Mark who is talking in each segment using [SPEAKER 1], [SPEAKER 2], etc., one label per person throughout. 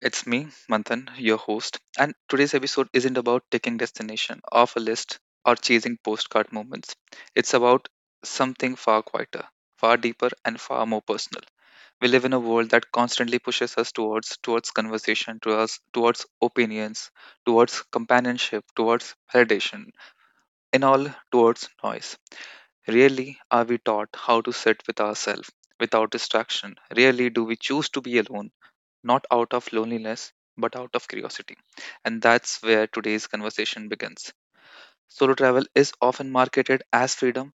[SPEAKER 1] It's me, Manthan, your host. And today's episode isn't about taking destination off a list or chasing postcard moments. It's about something far quieter, far deeper, and far more personal. We live in a world that constantly pushes us towards conversation, towards opinions, towards companionship, towards validation, and all towards noise. Rarely are we taught how to sit with ourselves without distraction. Rarely do we choose to be alone not out of loneliness, but out of curiosity. And that's where today's conversation begins. Solo travel is often marketed as freedom,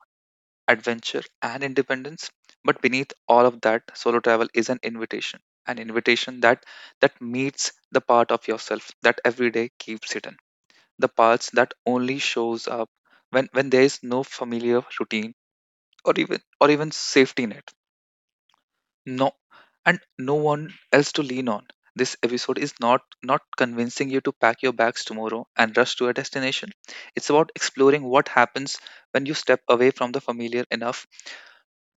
[SPEAKER 1] adventure, and independence, but beneath all of that, solo travel is an invitation that meets the part of yourself that every day keeps hidden, the parts that only shows up when there is no familiar routine or even safety net no and no one else to lean on. This episode is not convincing you to pack your bags tomorrow and rush to a destination. It's about exploring what happens when you step away from the familiar enough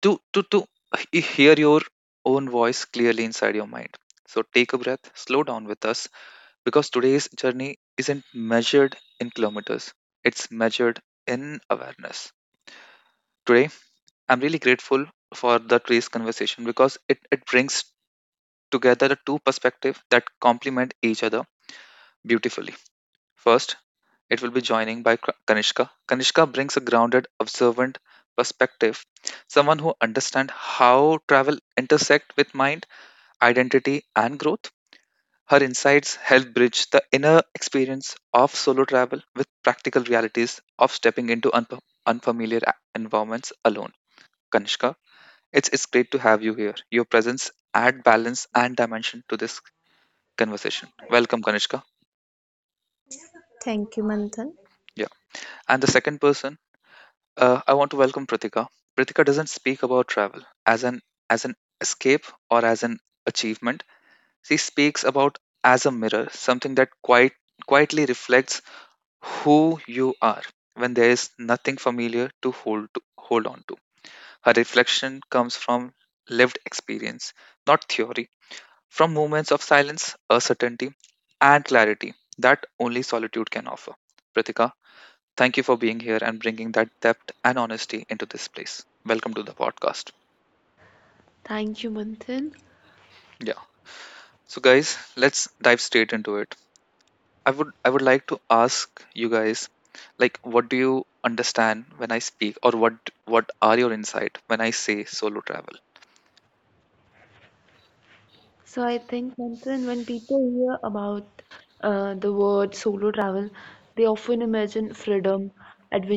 [SPEAKER 1] to hear your own voice clearly inside your mind. So take a breath, slow down with us, because today's journey isn't measured in kilometers, it's measured in awareness. Today I'm really grateful for the trace conversation because it brings together the two perspectives that complement each other beautifully. First, it will be joining by Kanishka. Kanishka brings a grounded, observant perspective, someone who understands how travel intersect with mind, identity, and growth. Her insights help bridge the inner experience of solo travel with practical realities of stepping into unfamiliar environments alone. Kanishka, it's great to have you here. Your presence add balance and dimension to this conversation. Welcome, Kanishka.
[SPEAKER 2] Thank you, Manthan.
[SPEAKER 1] Yeah. And the second person, I want to welcome Pratika. Pratika doesn't speak about travel as an escape or as an achievement. She speaks about as a mirror, something that quite quietly reflects who you are when there is nothing familiar to, hold on to. Her reflection comes from lived experience, not theory, from moments of silence, uncertainty, and clarity that only solitude can offer. Pratika, thank you for being here and bringing that depth and honesty into this place. Welcome to the podcast.
[SPEAKER 3] Thank you, Manthan.
[SPEAKER 1] Yeah. So guys, let's dive straight into it. I would like to ask you guys like what do you understand when I speak, or what are your insight when I say solo travel?
[SPEAKER 3] So I think, Manthan, when people hear about the word solo travel, they often imagine freedom,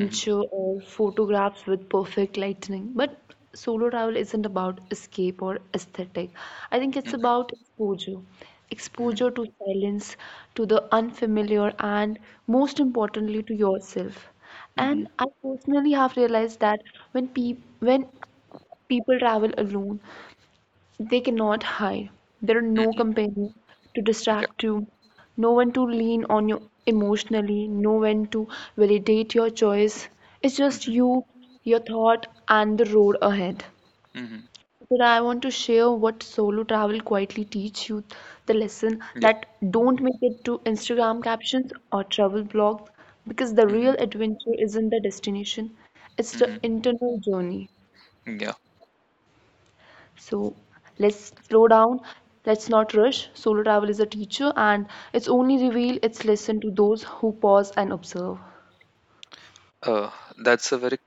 [SPEAKER 1] Mhm,
[SPEAKER 3] or photographs with perfect lighting. But solo travel isn't about escape or aesthetic. I think it's
[SPEAKER 1] mhm,
[SPEAKER 3] about exposure,
[SPEAKER 1] mhm,
[SPEAKER 3] exposure to silence, to the unfamiliar, and most importantly, to yourself. And
[SPEAKER 1] mhm,
[SPEAKER 3] I personally have realized that when pe when people travel alone, they cannot hide. There are no
[SPEAKER 1] mhm,
[SPEAKER 3] companion to
[SPEAKER 1] yeah,
[SPEAKER 3] distract you, no one to lean on you emotionally, no one to validate your choice. It's just
[SPEAKER 1] mhm,
[SPEAKER 3] you, your thought, and the road ahead.
[SPEAKER 1] mhm,
[SPEAKER 3] But I want to share what solo travel quietly teach you, the lesson
[SPEAKER 1] yeah,
[SPEAKER 3] that don't make it to Instagram captions or travel blogs, because the real
[SPEAKER 1] mhm,
[SPEAKER 3] adventure isn't the destination, it's the
[SPEAKER 1] mhm,
[SPEAKER 3] internal journey.
[SPEAKER 1] yeah.
[SPEAKER 3] So let's slow down. Let's not rush. Solo travel is a teacher, and it's only reveal its lesson to those who pause and observe.
[SPEAKER 1] Uh, that's a very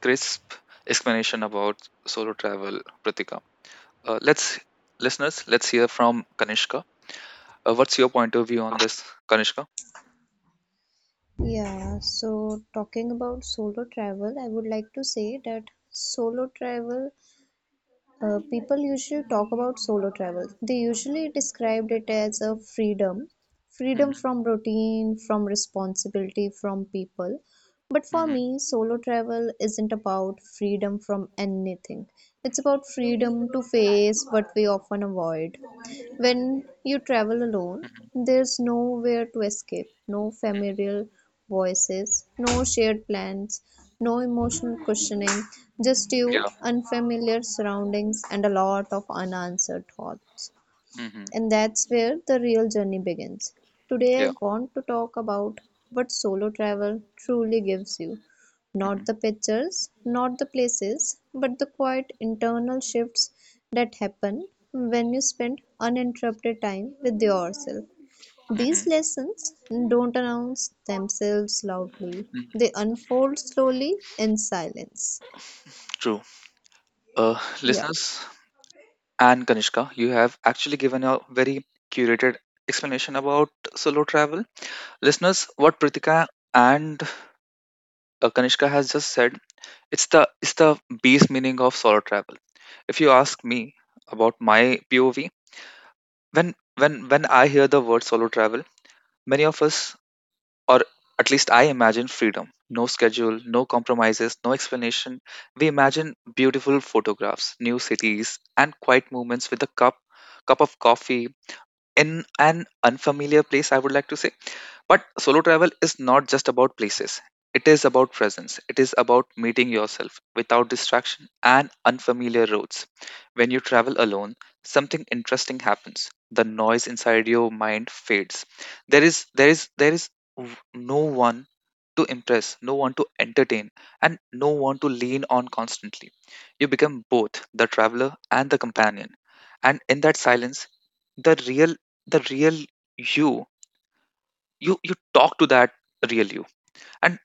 [SPEAKER 1] crisp explanation about solo travel, Pratika. Let's listeners, let's hear from Kanishka. What's your point of view on this, Kanishka?
[SPEAKER 2] Yeah, so talking about solo travel, I would like to say that solo travel, people usually talk about solo travel. They usually described it as a freedom, freedom
[SPEAKER 1] Hmm,
[SPEAKER 2] from routine, from responsibility, from people. But for
[SPEAKER 1] hmm,
[SPEAKER 2] me, solo travel isn't about freedom from anything. It's about freedom to face what we often avoid. When you travel alone,
[SPEAKER 1] hmm,
[SPEAKER 2] there's nowhere to escape, no familiar voices, no shared plans, no emotional cushioning, just you,
[SPEAKER 1] yeah,
[SPEAKER 2] unfamiliar surroundings, and a lot of unanswered thoughts.
[SPEAKER 1] hmm,
[SPEAKER 2] And that's where the real journey begins. Today, I
[SPEAKER 1] yeah,
[SPEAKER 2] want to talk about what solo travel truly gives you, not
[SPEAKER 1] hmm,
[SPEAKER 2] the pictures, not the places, but the quiet internal shifts that happen when you spend uninterrupted time with yourself. These
[SPEAKER 1] hmm,
[SPEAKER 2] lessons don't announce themselves loudly, they unfold slowly in silence.
[SPEAKER 1] true.
[SPEAKER 2] Yeah,
[SPEAKER 1] Listeners and Kanishka, you have actually given a very curated explanation about solo travel. Listeners, what Pritika and Kanishka has just said, it's the base meaning of solo travel. If you ask me about my POV, when I hear the word solo travel, many of us or at least I imagine freedom. No schedule, no compromises, no explanation. We imagine beautiful photographs, new cities, and quiet moments with a cup of coffee in an unfamiliar place, I would like to say. But solo travel is not just about places, it is about presence. It is about meeting yourself without distraction and unfamiliar roads. When you travel alone, something interesting happens. The noise inside your mind fades. There is no one to impress, no one to entertain, and no one to lean on constantly. You become both the traveler and the companion. And in that silence, the real the real you you you talk to that real you. And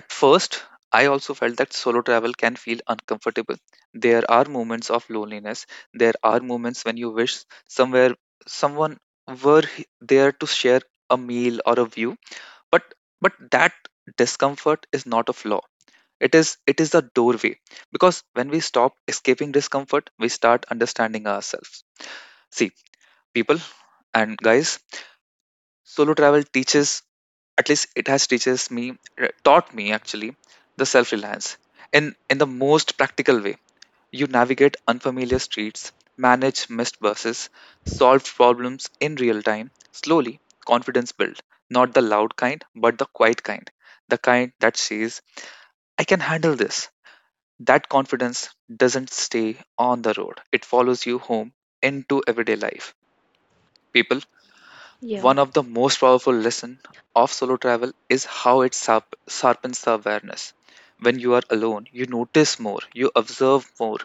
[SPEAKER 1] at first I also felt that solo travel can feel uncomfortable. There are moments of loneliness, there are moments when you wish somewhere someone were there to share a meal or a view, but but that discomfort is not a flaw, it is a doorway. Because when we stop escaping discomfort, we start understanding ourselves. See people, and guys, solo travel teaches, at least it has teaches me taught me actually the self-reliance in the most practical way. You navigate unfamiliar streets, manage missed buses, solve problems in real time. Slowly confidence build, not the loud kind but the quiet kind, the kind that says I can handle this. That confidence doesn't stay on the road, it follows you home into everyday life. People,
[SPEAKER 3] Yeah,
[SPEAKER 1] one of the most powerful lessons of solo travel is how it sharpens the awareness. When you are alone, you notice more, you observe more,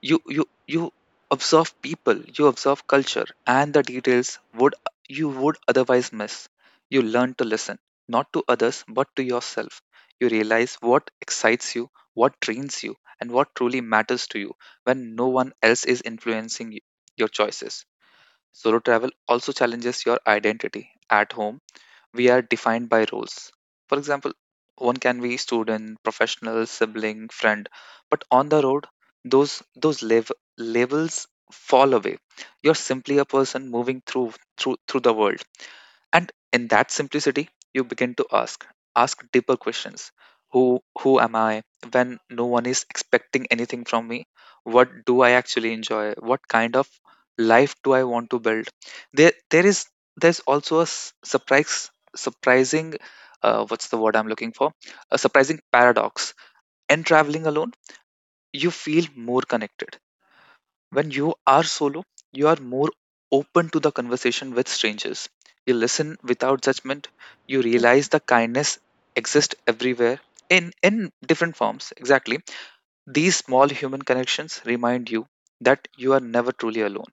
[SPEAKER 1] you observe people, you observe culture, and the details would you would otherwise miss. You learn to listen, not to others but to yourself. You realize what excites you, what drains you, and what truly matters to you when no one else is influencing your choices. Solo travel also challenges your identity. At home, we are defined by roles. For example, one can be student, professional, sibling, friend, but on the road, those labels fall away. You're simply a person moving through the world, and in that simplicity, you begin to ask deeper questions. Who who am I? When no one is expecting anything from me, what do I actually enjoy? What kind of life do I want to build? There there is there's also a surprise surprising what's the word I'm looking for a surprising paradox. And traveling alone, you feel more connected. When you are solo, you are more open to the conversation with strangers. You listen without judgment. You realize the kindness exists everywhere in different forms. Exactly, these small human connections remind you that you are never truly alone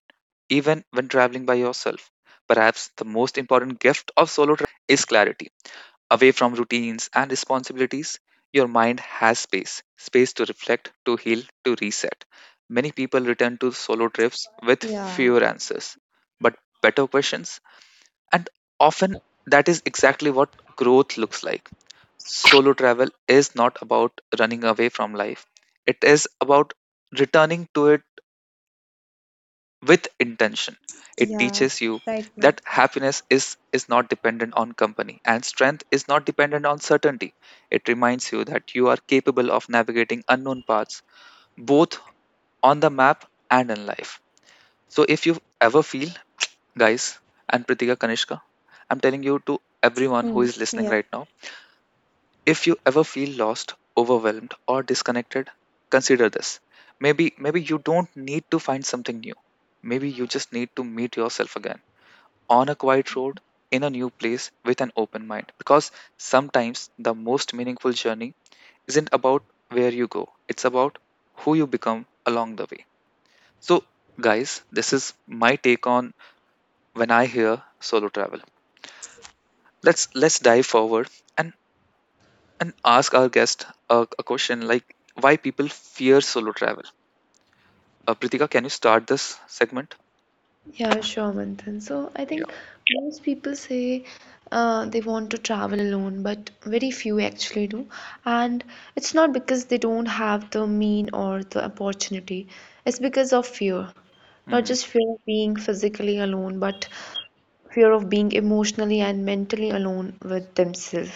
[SPEAKER 1] even when traveling by yourself. Perhaps the most important gift of solo travel is clarity. Away from routines and responsibilities, your mind has space to reflect, to heal, to reset. Many people return to solo trips with
[SPEAKER 2] yeah,
[SPEAKER 1] fewer answers, but better questions. And often, that is exactly what growth looks like. Solo travel is not about running away from life, it is about returning to it with intention. It
[SPEAKER 2] yeah,
[SPEAKER 1] teaches you
[SPEAKER 2] right,
[SPEAKER 1] that
[SPEAKER 2] Manthan.
[SPEAKER 1] happiness is not dependent on company and strength is not dependent on certainty. It reminds you that you are capable of navigating unknown paths, both on the map and in life. So if you ever feel, guys, and Pritika, Kanishka, I'm telling you to everyone who
[SPEAKER 2] Hmm,
[SPEAKER 1] is listening
[SPEAKER 2] yeah.
[SPEAKER 1] right now, if you ever feel lost, overwhelmed, or disconnected, consider this. Maybe you don't need to find something new. Maybe you just need to meet yourself again on a quiet road in a new place with an open mind, because sometimes the most meaningful journey isn't about where you go. It's about who you become along the way. So guys, this is my take on when I hear solo travel. Let's dive forward and ask our guest a question like why people fear solo travel. Pritika, can you start this segment?
[SPEAKER 3] yeah, sure, Manthan. So I
[SPEAKER 1] Yeah.
[SPEAKER 3] think most people say they want to travel alone, but very few actually do. And it's not because they have the mean or the opportunity. It's fear, not
[SPEAKER 1] Mm-hmm.
[SPEAKER 3] being alone, but fear of being emotionally and mentally alone with themselves.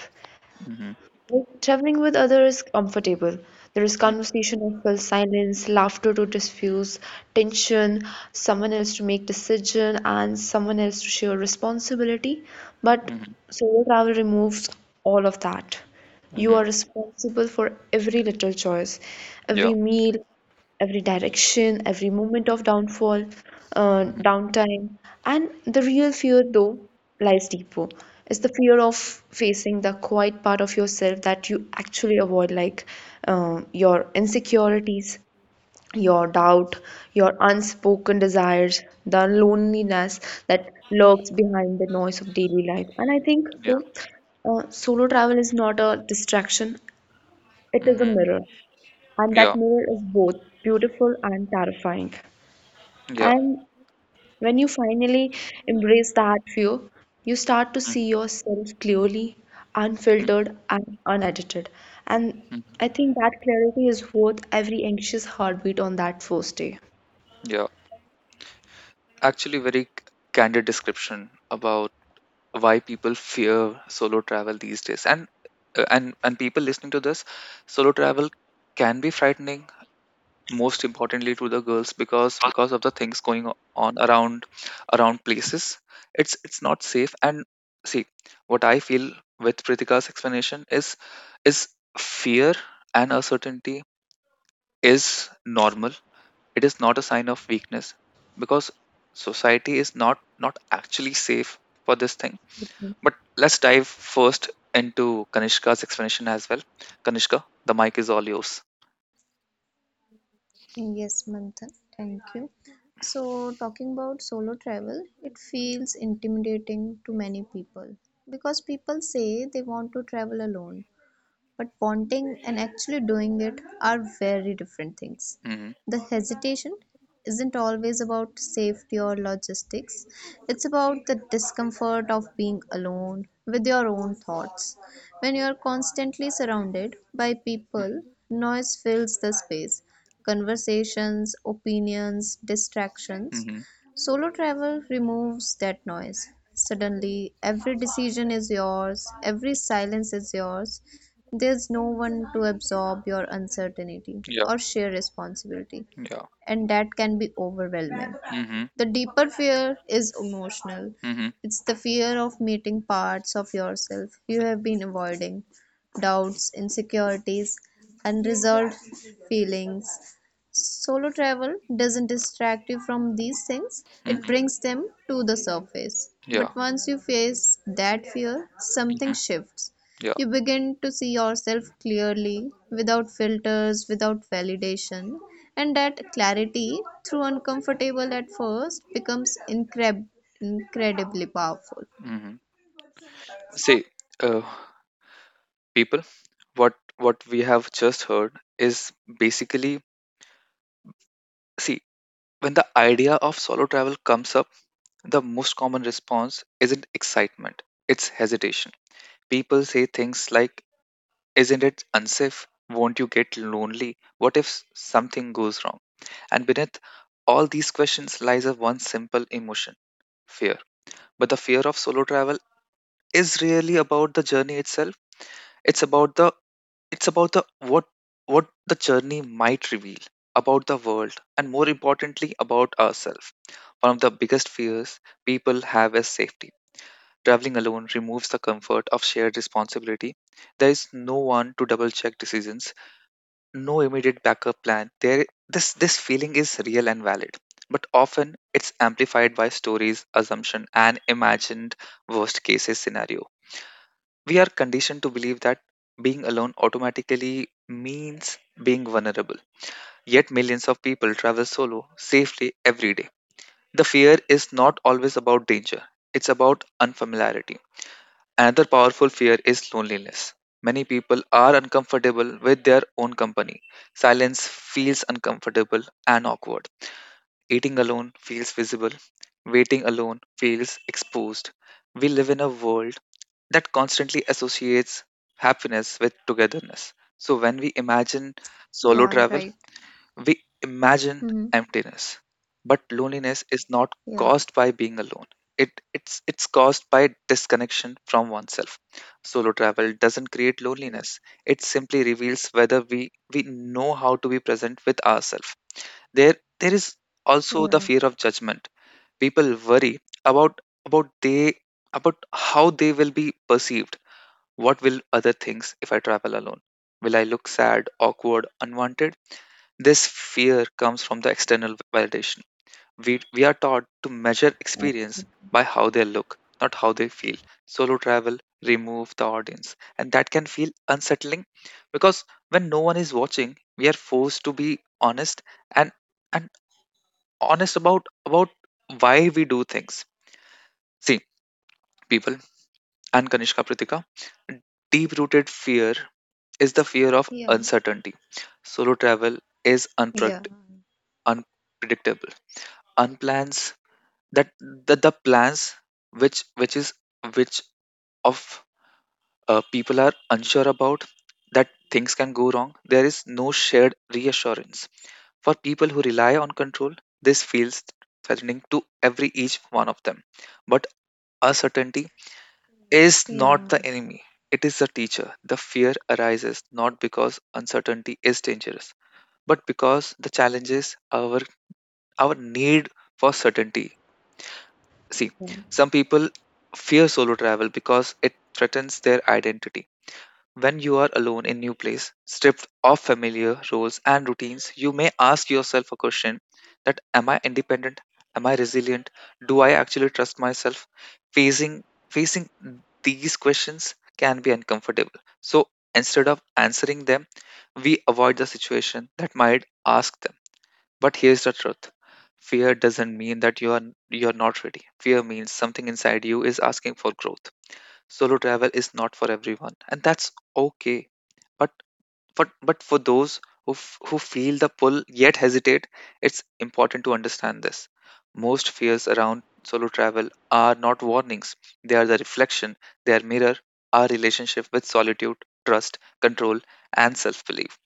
[SPEAKER 1] Mm-hmm.
[SPEAKER 3] Like, traveling with others is comfortable. There is
[SPEAKER 1] Mm-hmm.
[SPEAKER 3] conversation of full silence, laughter to diffuse tension, someone else to make decision, and someone else to share responsibility. But
[SPEAKER 1] Mm-hmm.
[SPEAKER 3] solo travel removes all of that. You
[SPEAKER 1] Mm-hmm.
[SPEAKER 3] are responsible for every little choice,
[SPEAKER 1] Yeah.
[SPEAKER 3] every meal, every direction, every moment of downfall,
[SPEAKER 1] Mm-hmm.
[SPEAKER 3] downtime. And the real fear, though, lies deeper. It's the fear of facing the quiet part of yourself that you actually avoid, like your insecurities, your doubt, your unspoken desires, the loneliness that lurks behind the noise of daily life. And
[SPEAKER 1] Yeah.
[SPEAKER 3] solo travel is not a distraction, it is a
[SPEAKER 1] Mm-hmm.
[SPEAKER 3] mirror, and that
[SPEAKER 1] Yeah.
[SPEAKER 3] mirror is both beautiful and terrifying.
[SPEAKER 1] Yeah.
[SPEAKER 3] And when you finally embrace that view, you start to
[SPEAKER 1] Mm-hmm.
[SPEAKER 3] see yourself clearly,
[SPEAKER 1] Mm-hmm.
[SPEAKER 3] unfiltered, and unedited. And I
[SPEAKER 1] Mm-hmm.
[SPEAKER 3] think that clarity is worth every anxious heartbeat on that first day.
[SPEAKER 1] Yeah. Actually, very candid description about why people fear solo travel these days, and people listening to this, solo travel can be frightening, most importantly to the girls, because of the things going on around places, it's not safe. And see, what I feel with Pritika's explanation is fear and uncertainty is normal. It is not a sign of weakness, because society is not actually safe for this thing. But let's dive first into Kanishka's explanation as well. Kanishka, the mic is all yours.
[SPEAKER 2] Yes, Manthan, thank you. So, talking about solo travel, it feels intimidating to many people because people say they want to travel alone, but wanting and actually doing it are very different things.
[SPEAKER 1] Hmm,
[SPEAKER 2] The hesitation isn't always about safety or logistics, it's about the discomfort of being alone with your own thoughts. When you are constantly surrounded by people,
[SPEAKER 1] hmm,
[SPEAKER 2] noise fills the space. Conversations, opinions, distractions.
[SPEAKER 1] hmm,
[SPEAKER 2] Solo travel removes that noise. Suddenly, every decision is yours, every silence is yours, there's no one to absorb your uncertainty
[SPEAKER 1] yeah,
[SPEAKER 2] or share responsibility,
[SPEAKER 1] yeah,
[SPEAKER 2] and that can be overwhelming.
[SPEAKER 1] mhm,
[SPEAKER 2] The deeper fear is emotional.
[SPEAKER 1] mhm,
[SPEAKER 2] It's the fear of meeting parts of yourself you have been avoiding, doubts, insecurities, unresolved feelings. Solo travel doesn't distract you from these things, it
[SPEAKER 1] mhm,
[SPEAKER 2] brings them to the surface.
[SPEAKER 1] yeah,
[SPEAKER 2] But once you face that fear, something
[SPEAKER 1] mhm,
[SPEAKER 2] shifts.
[SPEAKER 1] yeah,
[SPEAKER 2] You begin to see yourself clearly, without filters, without validation, and that clarity, through uncomfortable at first, becomes incredibly powerful.
[SPEAKER 1] mhm. See, uh, people, what we have just heard is basically, see, when the idea of solo travel comes up, the most common response isn't excitement; it's hesitation. People say things like, "Isn't it unsafe? Won't you get lonely? What if something goes wrong?" And beneath all these questions lies a one simple emotion: fear. But the fear of solo travel is really about the journey itself. It's about the what the journey might reveal about the world and more importantly about ourselves. One of the biggest fears people have is safety. Traveling alone removes the comfort of shared responsibility. There is no one to double check decisions, no immediate backup plan. There This this feeling is real and valid. But often it's amplified by stories, assumption, and imagined worst cases scenario. We are conditioned to believe that being alone automatically means being vulnerable. Yet, millions of people travel solo safely every day. The fear is not always about danger, it's about unfamiliarity. Another powerful fear is loneliness. Many people are uncomfortable with their own company. Silence feels uncomfortable and awkward. Eating alone feels visible. Waiting alone feels exposed. We live in a world that constantly associates happiness with togetherness. So when we imagine solo
[SPEAKER 2] Yeah,
[SPEAKER 1] travel,
[SPEAKER 2] right.
[SPEAKER 1] we imagine
[SPEAKER 2] Hmm.
[SPEAKER 1] emptiness. But loneliness is not
[SPEAKER 2] Yeah.
[SPEAKER 1] caused by being alone. It's caused by disconnection from oneself. Solo travel doesn't create
[SPEAKER 2] Yeah,
[SPEAKER 1] loneliness. It simply reveals whether we know how to be present with ourselves. There is also the fear of judgment. People worry about about they about how they will be perceived, what will other things if I travel alone? Will I look sad, awkward, unwanted? This fear comes from the external validation. We are taught to measure experience by how they look, not how they feel. Solo travel remove the audience, and that can feel unsettling because when no one is watching, we are forced to be honest, and and honest about why we do things. See, people and Kanishka Pritika, deep rooted fear is the fear of
[SPEAKER 2] yeah,
[SPEAKER 1] uncertainty. Solo travel is
[SPEAKER 2] yeah,
[SPEAKER 1] unpredictable. Unplans that the plans which is which of people are unsure about, that things can go wrong. There is no shared reassurance for people who rely on control. This feels threatening to every each one of them. But uncertainty is not
[SPEAKER 2] yeah.
[SPEAKER 1] the enemy. It is the teacher. The fear arises not because uncertainty is dangerous, but because the challenge is our need for certainty. See, some people fear solo travel because it threatens their identity. When you are alone in new place, stripped of familiar roles and routines, you may ask yourself a question that, am I independent? Am I resilient? Do I actually trust myself? Facing facing these questions can be uncomfortable. So instead of answering them, we avoid the situation that might ask them, but here's the truth. Fear doesn't mean that you're not ready. Fear means something inside you is asking for growth. Solo travel is not for everyone, and that's okay. But but for those who feel the pull yet hesitate, it's important to understand this. Most fears around solo travel are not warnings. They are the reflection, their mirror, our relationship with solitude, trust, control, and self-belief.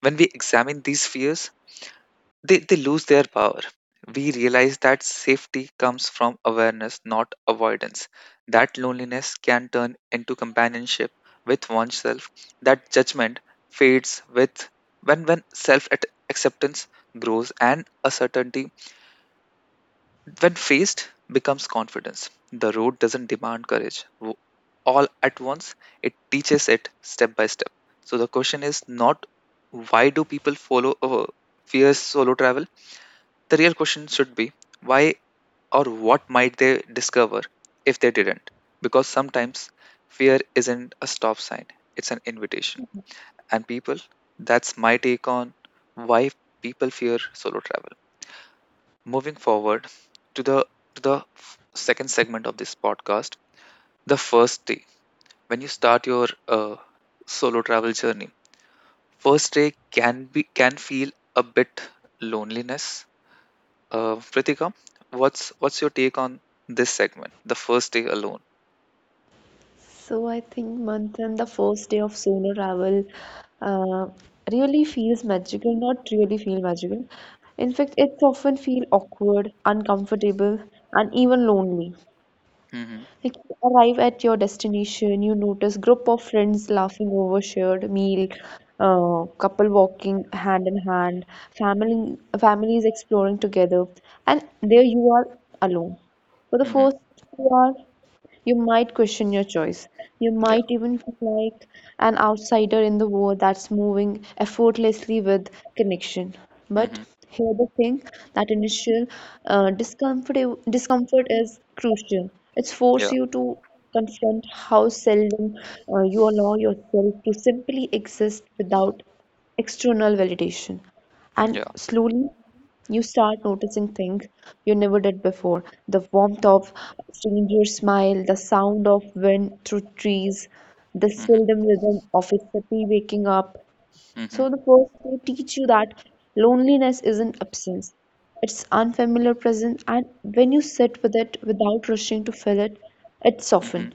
[SPEAKER 1] When we examine these fears, they lose their power. We realize that safety comes from awareness, not avoidance. That loneliness can turn into companionship with oneself. That judgment fades with when acceptance grows, and uncertainty, when faced, becomes confidence. The road doesn't demand courage all at once. It teaches it step by step. So the question is not why do people follow fears solo travel, the real question should be why or what might they discover if they didn't? Because sometimes fear isn't a stop sign, it's an invitation. And people, that's my take on why people fear solo travel. Moving forward to the second segment of this podcast, the first day when you start your solo travel journey, first day can feel a bit loneliness. Pritika, what's your take on this segment, the first day alone?
[SPEAKER 3] So I think, Manthan, the first day of solo travel, uh, really feels magical. Not really feel magical. In fact, it's often feel awkward, uncomfortable, and even lonely.
[SPEAKER 1] Mm-hmm.
[SPEAKER 3] Like, you arrive at your destination, you notice group of friends laughing over shared meal, couple walking hand in hand, family families exploring together, and there you are alone. For the
[SPEAKER 1] Mm-hmm.
[SPEAKER 3] first 2 hours, you might question your choice. You
[SPEAKER 1] Yeah.
[SPEAKER 3] might even feel like an outsider in the world that's moving effortlessly with connection. But
[SPEAKER 1] Mm-hmm.
[SPEAKER 3] here the thing, that initial uh, discomfort discomfort is crucial. It
[SPEAKER 1] Yeah.
[SPEAKER 3] forces you to confront how seldom you allow yourself to simply exist without external validation. And
[SPEAKER 1] Yeah.
[SPEAKER 3] slowly, you start noticing things you never did before: the warmth
[SPEAKER 1] Mm-hmm.
[SPEAKER 3] of a stranger's smile, the sound of wind through trees, the seldom rhythm of a puppy waking up.
[SPEAKER 1] Mm-hmm.
[SPEAKER 3] So, the first day teach you that loneliness isn't absence, it's unfamiliar presence, and when you sit with it without rushing to fill it, it softens.
[SPEAKER 1] Mm-hmm.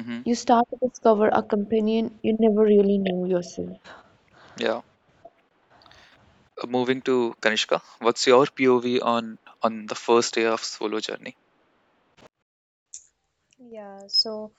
[SPEAKER 1] Mm-hmm.
[SPEAKER 3] You start to discover a companion you never really knew, yourself.
[SPEAKER 1] Yeah. Moving to Kanishka, what's your POV on the first day of solo journey?
[SPEAKER 2] Yeah, so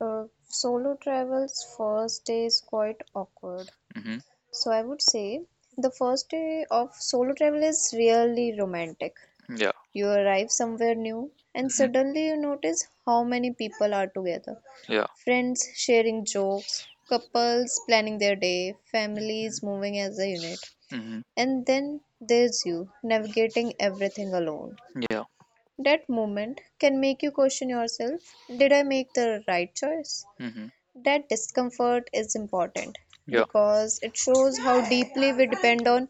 [SPEAKER 2] uh, solo travel's first day is quite awkward.
[SPEAKER 1] Mm-hmm.
[SPEAKER 2] So I would say the first day of solo travel is really romantic.
[SPEAKER 1] Yeah.
[SPEAKER 2] You arrive somewhere new and
[SPEAKER 1] Mm-hmm.
[SPEAKER 2] suddenly you notice how many people are together.
[SPEAKER 1] Yeah.
[SPEAKER 2] Friends sharing jokes, couples planning their day,
[SPEAKER 1] Mm-hmm.
[SPEAKER 2] families moving as a unit.
[SPEAKER 1] Mm-hmm.
[SPEAKER 2] And then there's you navigating everything alone.
[SPEAKER 1] Yeah.
[SPEAKER 2] That moment can make you question yourself. Did I make the right choice?
[SPEAKER 1] Mm-hmm.
[SPEAKER 2] That discomfort is important
[SPEAKER 1] Yeah.
[SPEAKER 2] because it shows how deeply we depend on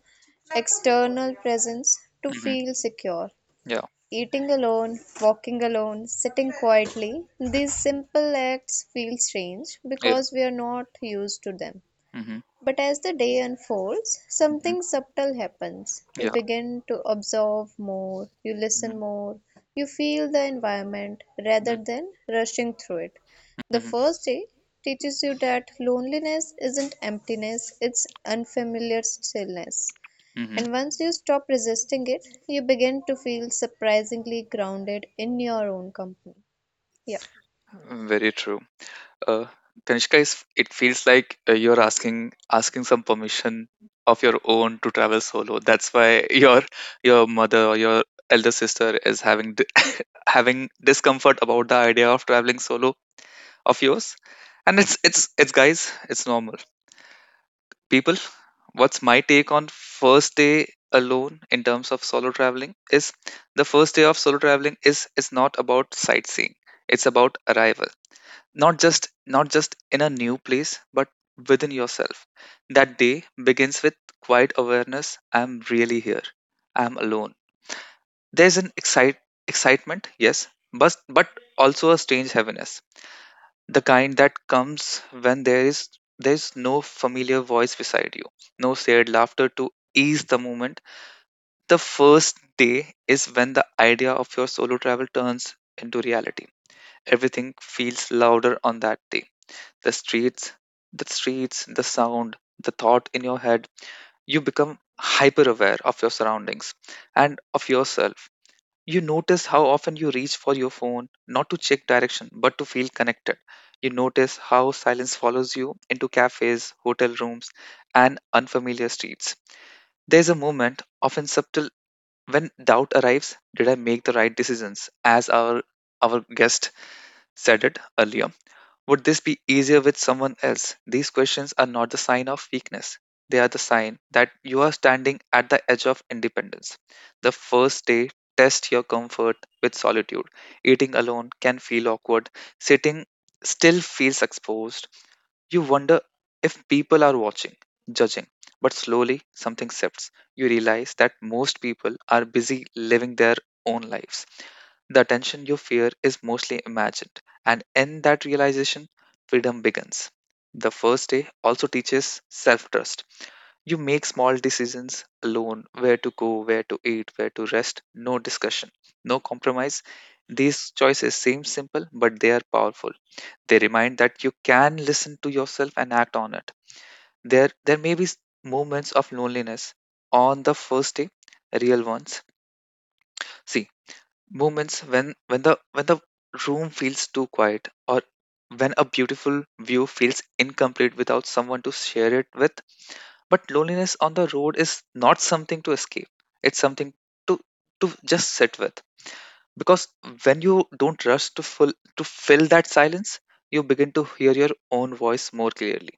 [SPEAKER 2] external presence to
[SPEAKER 1] Mm-hmm.
[SPEAKER 2] feel secure.
[SPEAKER 1] Yeah.
[SPEAKER 2] Eating alone, walking alone, sitting quietly, these
[SPEAKER 1] Mhm.
[SPEAKER 2] simple acts feel strange
[SPEAKER 1] Yeah.
[SPEAKER 2] because we are not used to them.
[SPEAKER 1] Mm-hmm.
[SPEAKER 2] But as the day unfolds,
[SPEAKER 1] Mm-hmm.
[SPEAKER 2] something subtle happens. You
[SPEAKER 1] Yeah.
[SPEAKER 2] begin to observe more, you
[SPEAKER 1] Mm-hmm.
[SPEAKER 2] listen more, you feel the environment rather than rushing through it. The first day teaches you that loneliness isn't emptiness, it's unfamiliar stillness.
[SPEAKER 1] Mm-hmm.
[SPEAKER 2] And once you stop resisting it, you begin to feel surprisingly grounded in your own company. Yeah.
[SPEAKER 1] Very true. Uh, Kanishka, it feels like you're asking some permission of your own to travel solo. That's why your mother or your elder sister is having having discomfort about the idea of traveling solo of yours. And it's, guys, it's normal. People, what's my take on first day alone in terms of solo traveling is, the first day of solo traveling is not about sightseeing. It's about arrival, not just in a new place but within yourself. That day begins with quiet awareness. I'm really here. I'm alone. There's an excitement, yes, but also a strange heaviness, the kind that comes when there's no familiar voice beside you, no shared laughter to ease the moment. The first day is when the idea of your solo travel turns into reality. Everything feels louder on that day. The streets, the streets, the sound, the thought in your head. You become hyper aware of your surroundings and of yourself. You notice how often you reach for your phone, not to check direction, but to feel connected. You notice how silence follows you into cafes, hotel rooms, and unfamiliar streets. There's a moment, often subtle, when doubt arrives. Did I make the right decisions? As our guest said it earlier, would this be easier with someone else? These questions are not the sign of weakness. They are the sign that you are standing at the edge of independence. The first day, test your comfort with solitude. Eating alone can feel awkward, sitting still feels exposed. You wonder if people are watching, judging. But slowly, something shifts. You realize that most people are busy living their own lives. The attention you fear is mostly imagined. And in that realization, freedom begins. The first day also teaches self trust. You make small decisions alone, where to go, where to eat, where to rest, no discussion, no compromise. These choices seem simple, but they are powerful. They remind that you can listen to yourself and act on it. There may be moments of loneliness on the first day, real ones. See, moments when the room feels too quiet, or when a beautiful view feels incomplete without someone to share it with. But loneliness on the road is not something to escape, it's something to to just sit with. Because when you don't rush to fill that silence, you begin to hear your own voice more clearly.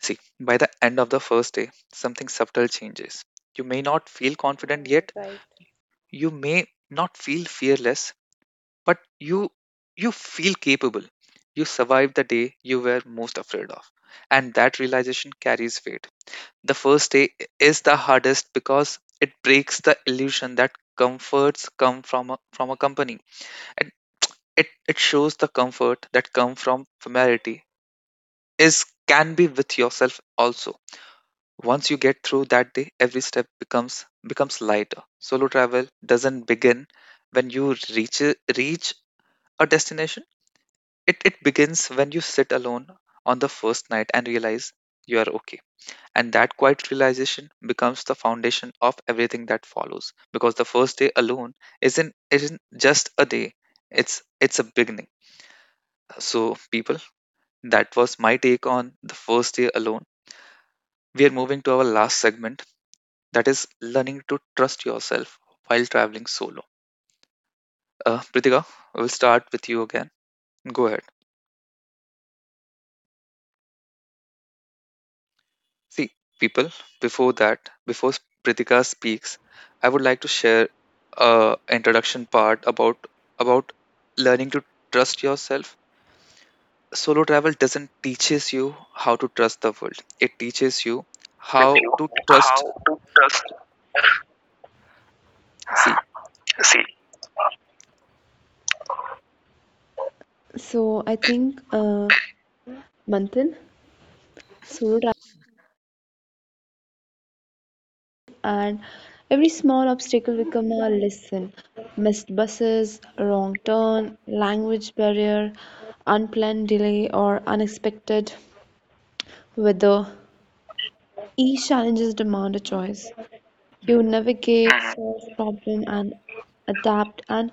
[SPEAKER 1] See, by the end of the first day, something subtle changes. You may not feel confident
[SPEAKER 2] Yeah,
[SPEAKER 1] yet,
[SPEAKER 2] right.
[SPEAKER 1] you may not feel fearless, but you you feel capable. You survived the day you were most afraid of, and that realization carries weight. The first day is the hardest because it breaks the illusion that comforts come from a company, and it shows the comfort that come from familiarity is can be with yourself also. Once you get through that day, every step becomes lighter. Solo travel doesn't begin when you reach a destination. It begins when you sit alone on the first night and realize you are okay. And that quiet realization becomes the foundation of everything that follows. Because the first day alone isn't just a day. It's a beginning. So people, that was my take on the first day alone. We are moving to our last segment, that is learning to trust yourself while traveling solo. Pritika, we'll start with you again. Go ahead. See, people, before that, before Prithika speaks, I would like to share a introduction part about learning to trust yourself. Solo travel doesn't teaches you how to trust the world. It teaches you
[SPEAKER 3] With
[SPEAKER 1] how
[SPEAKER 3] you
[SPEAKER 1] to trust.
[SPEAKER 3] how to trust
[SPEAKER 1] See,
[SPEAKER 3] see. So, I think, Manthan, solo travel, and every small obstacle become a lesson. Missed buses, wrong turn, language barrier, unplanned delay, or unexpected weather. Each challenges demand a choice. You
[SPEAKER 1] mhm,
[SPEAKER 3] navigate, solve problem, and adapt. And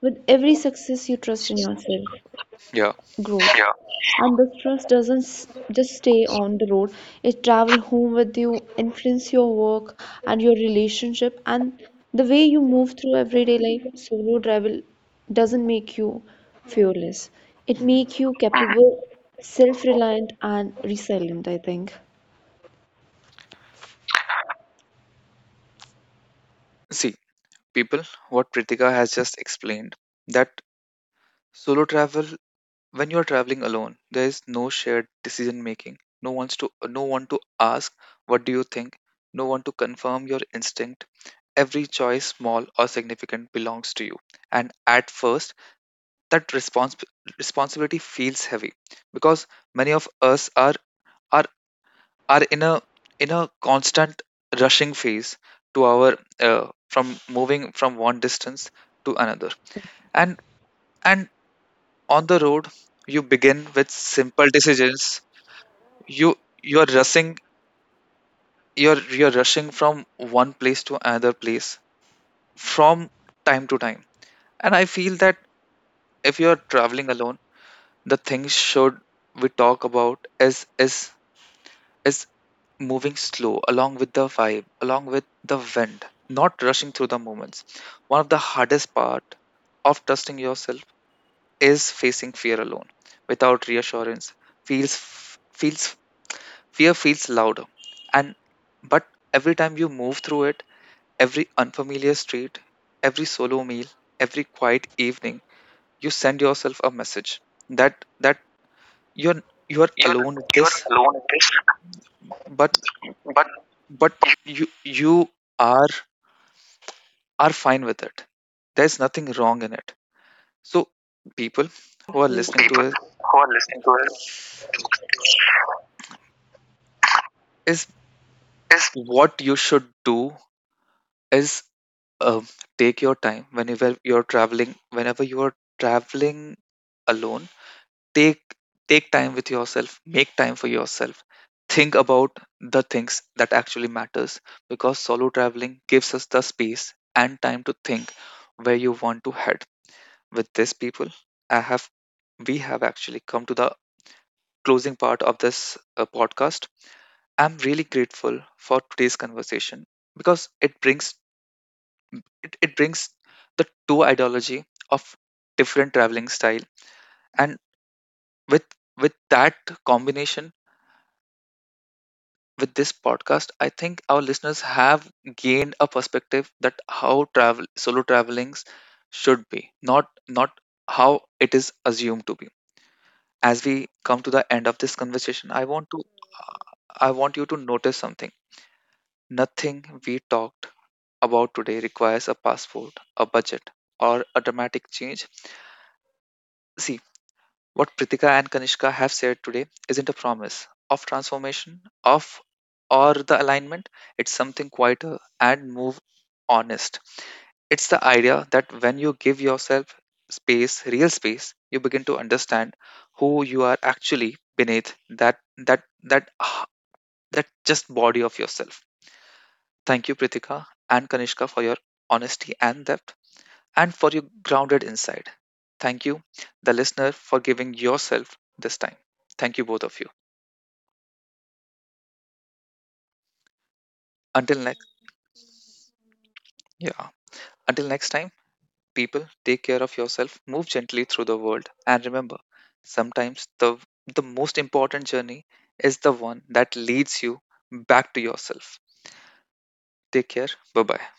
[SPEAKER 3] with every success, you trust in yourself.
[SPEAKER 1] yeah,
[SPEAKER 3] Growth. Yeah. And this trust doesn't just stay on the road, it travels home with you, influence your work and your relationship and the way you move through everyday life. Solo travel doesn't make you fearless. It makes
[SPEAKER 1] mhm.
[SPEAKER 3] you, mhm, capable, self-reliant and resilient, I think.
[SPEAKER 1] See, people, what Pritika has just explained that solo travel, when you're traveling alone, there is no shared decision making, no one's to no one to ask what do you think, no one to confirm your instinct. Every choice, small or significant, belongs to you. And at first that responsibility feels heavy, because many of us are are in a constant rushing phase to our from moving from one distance to another. And and on the road, you begin with simple decisions. You you're rushing, you're rushing from one place to another place, from time to time. And I feel that if you're traveling alone, the things should we talk about is moving slow, along with the vibe, along with the wind, not rushing through the moments. One of the hardest part of trusting yourself is facing fear alone. Without reassurance feels feels fear feels louder. And but every time you move through it, every unfamiliar street, every solo meal, every quiet evening, you send yourself a message that you're you're
[SPEAKER 3] You're
[SPEAKER 1] alone at
[SPEAKER 3] you're
[SPEAKER 1] this,
[SPEAKER 3] alone in this,
[SPEAKER 1] but
[SPEAKER 3] but you,
[SPEAKER 1] but you you are are fine with it. There's nothing wrong in it. So people who are
[SPEAKER 3] absolutely,
[SPEAKER 1] listening to
[SPEAKER 3] people
[SPEAKER 1] it,
[SPEAKER 3] who are listening to it
[SPEAKER 1] is
[SPEAKER 3] is
[SPEAKER 1] what you should do is, um, take your time whenever you're traveling, whenever you are traveling alone, take take time with yourself, make time for yourself, think about the things that actually matters. Because solo traveling gives us the space and time to think where you want to head with this. People, I have we have actually come to the closing part of this podcast. I'm really grateful for today's conversation because it brings the two ideology of different traveling style. And with with that combination, with this podcast, I think our listeners have gained a perspective that how travel solo travelings should be, not how it is assumed to be. As we come to the end of this conversation, I want you to notice something. Nothing we talked about today requires a passport, a budget, or a dramatic change. See, what Pritika and Kanishka have shared today isn't a promise of transformation of or the alignment. It's something quieter and more honest. It's the idea that when you give yourself space, real space, you begin to understand who you are actually beneath that that ah, that just body of yourself. Thank you, Pritika and Kanishka, for your honesty and depth and for your grounded insight. Thank you, the listener, for giving yourself this time. Thank you, both of you. Until next, yeah. Until next time, people, take care of yourself, move gently through the world, and remember, sometimes the most important journey is the one that leads you back to yourself. Take care. Bye bye.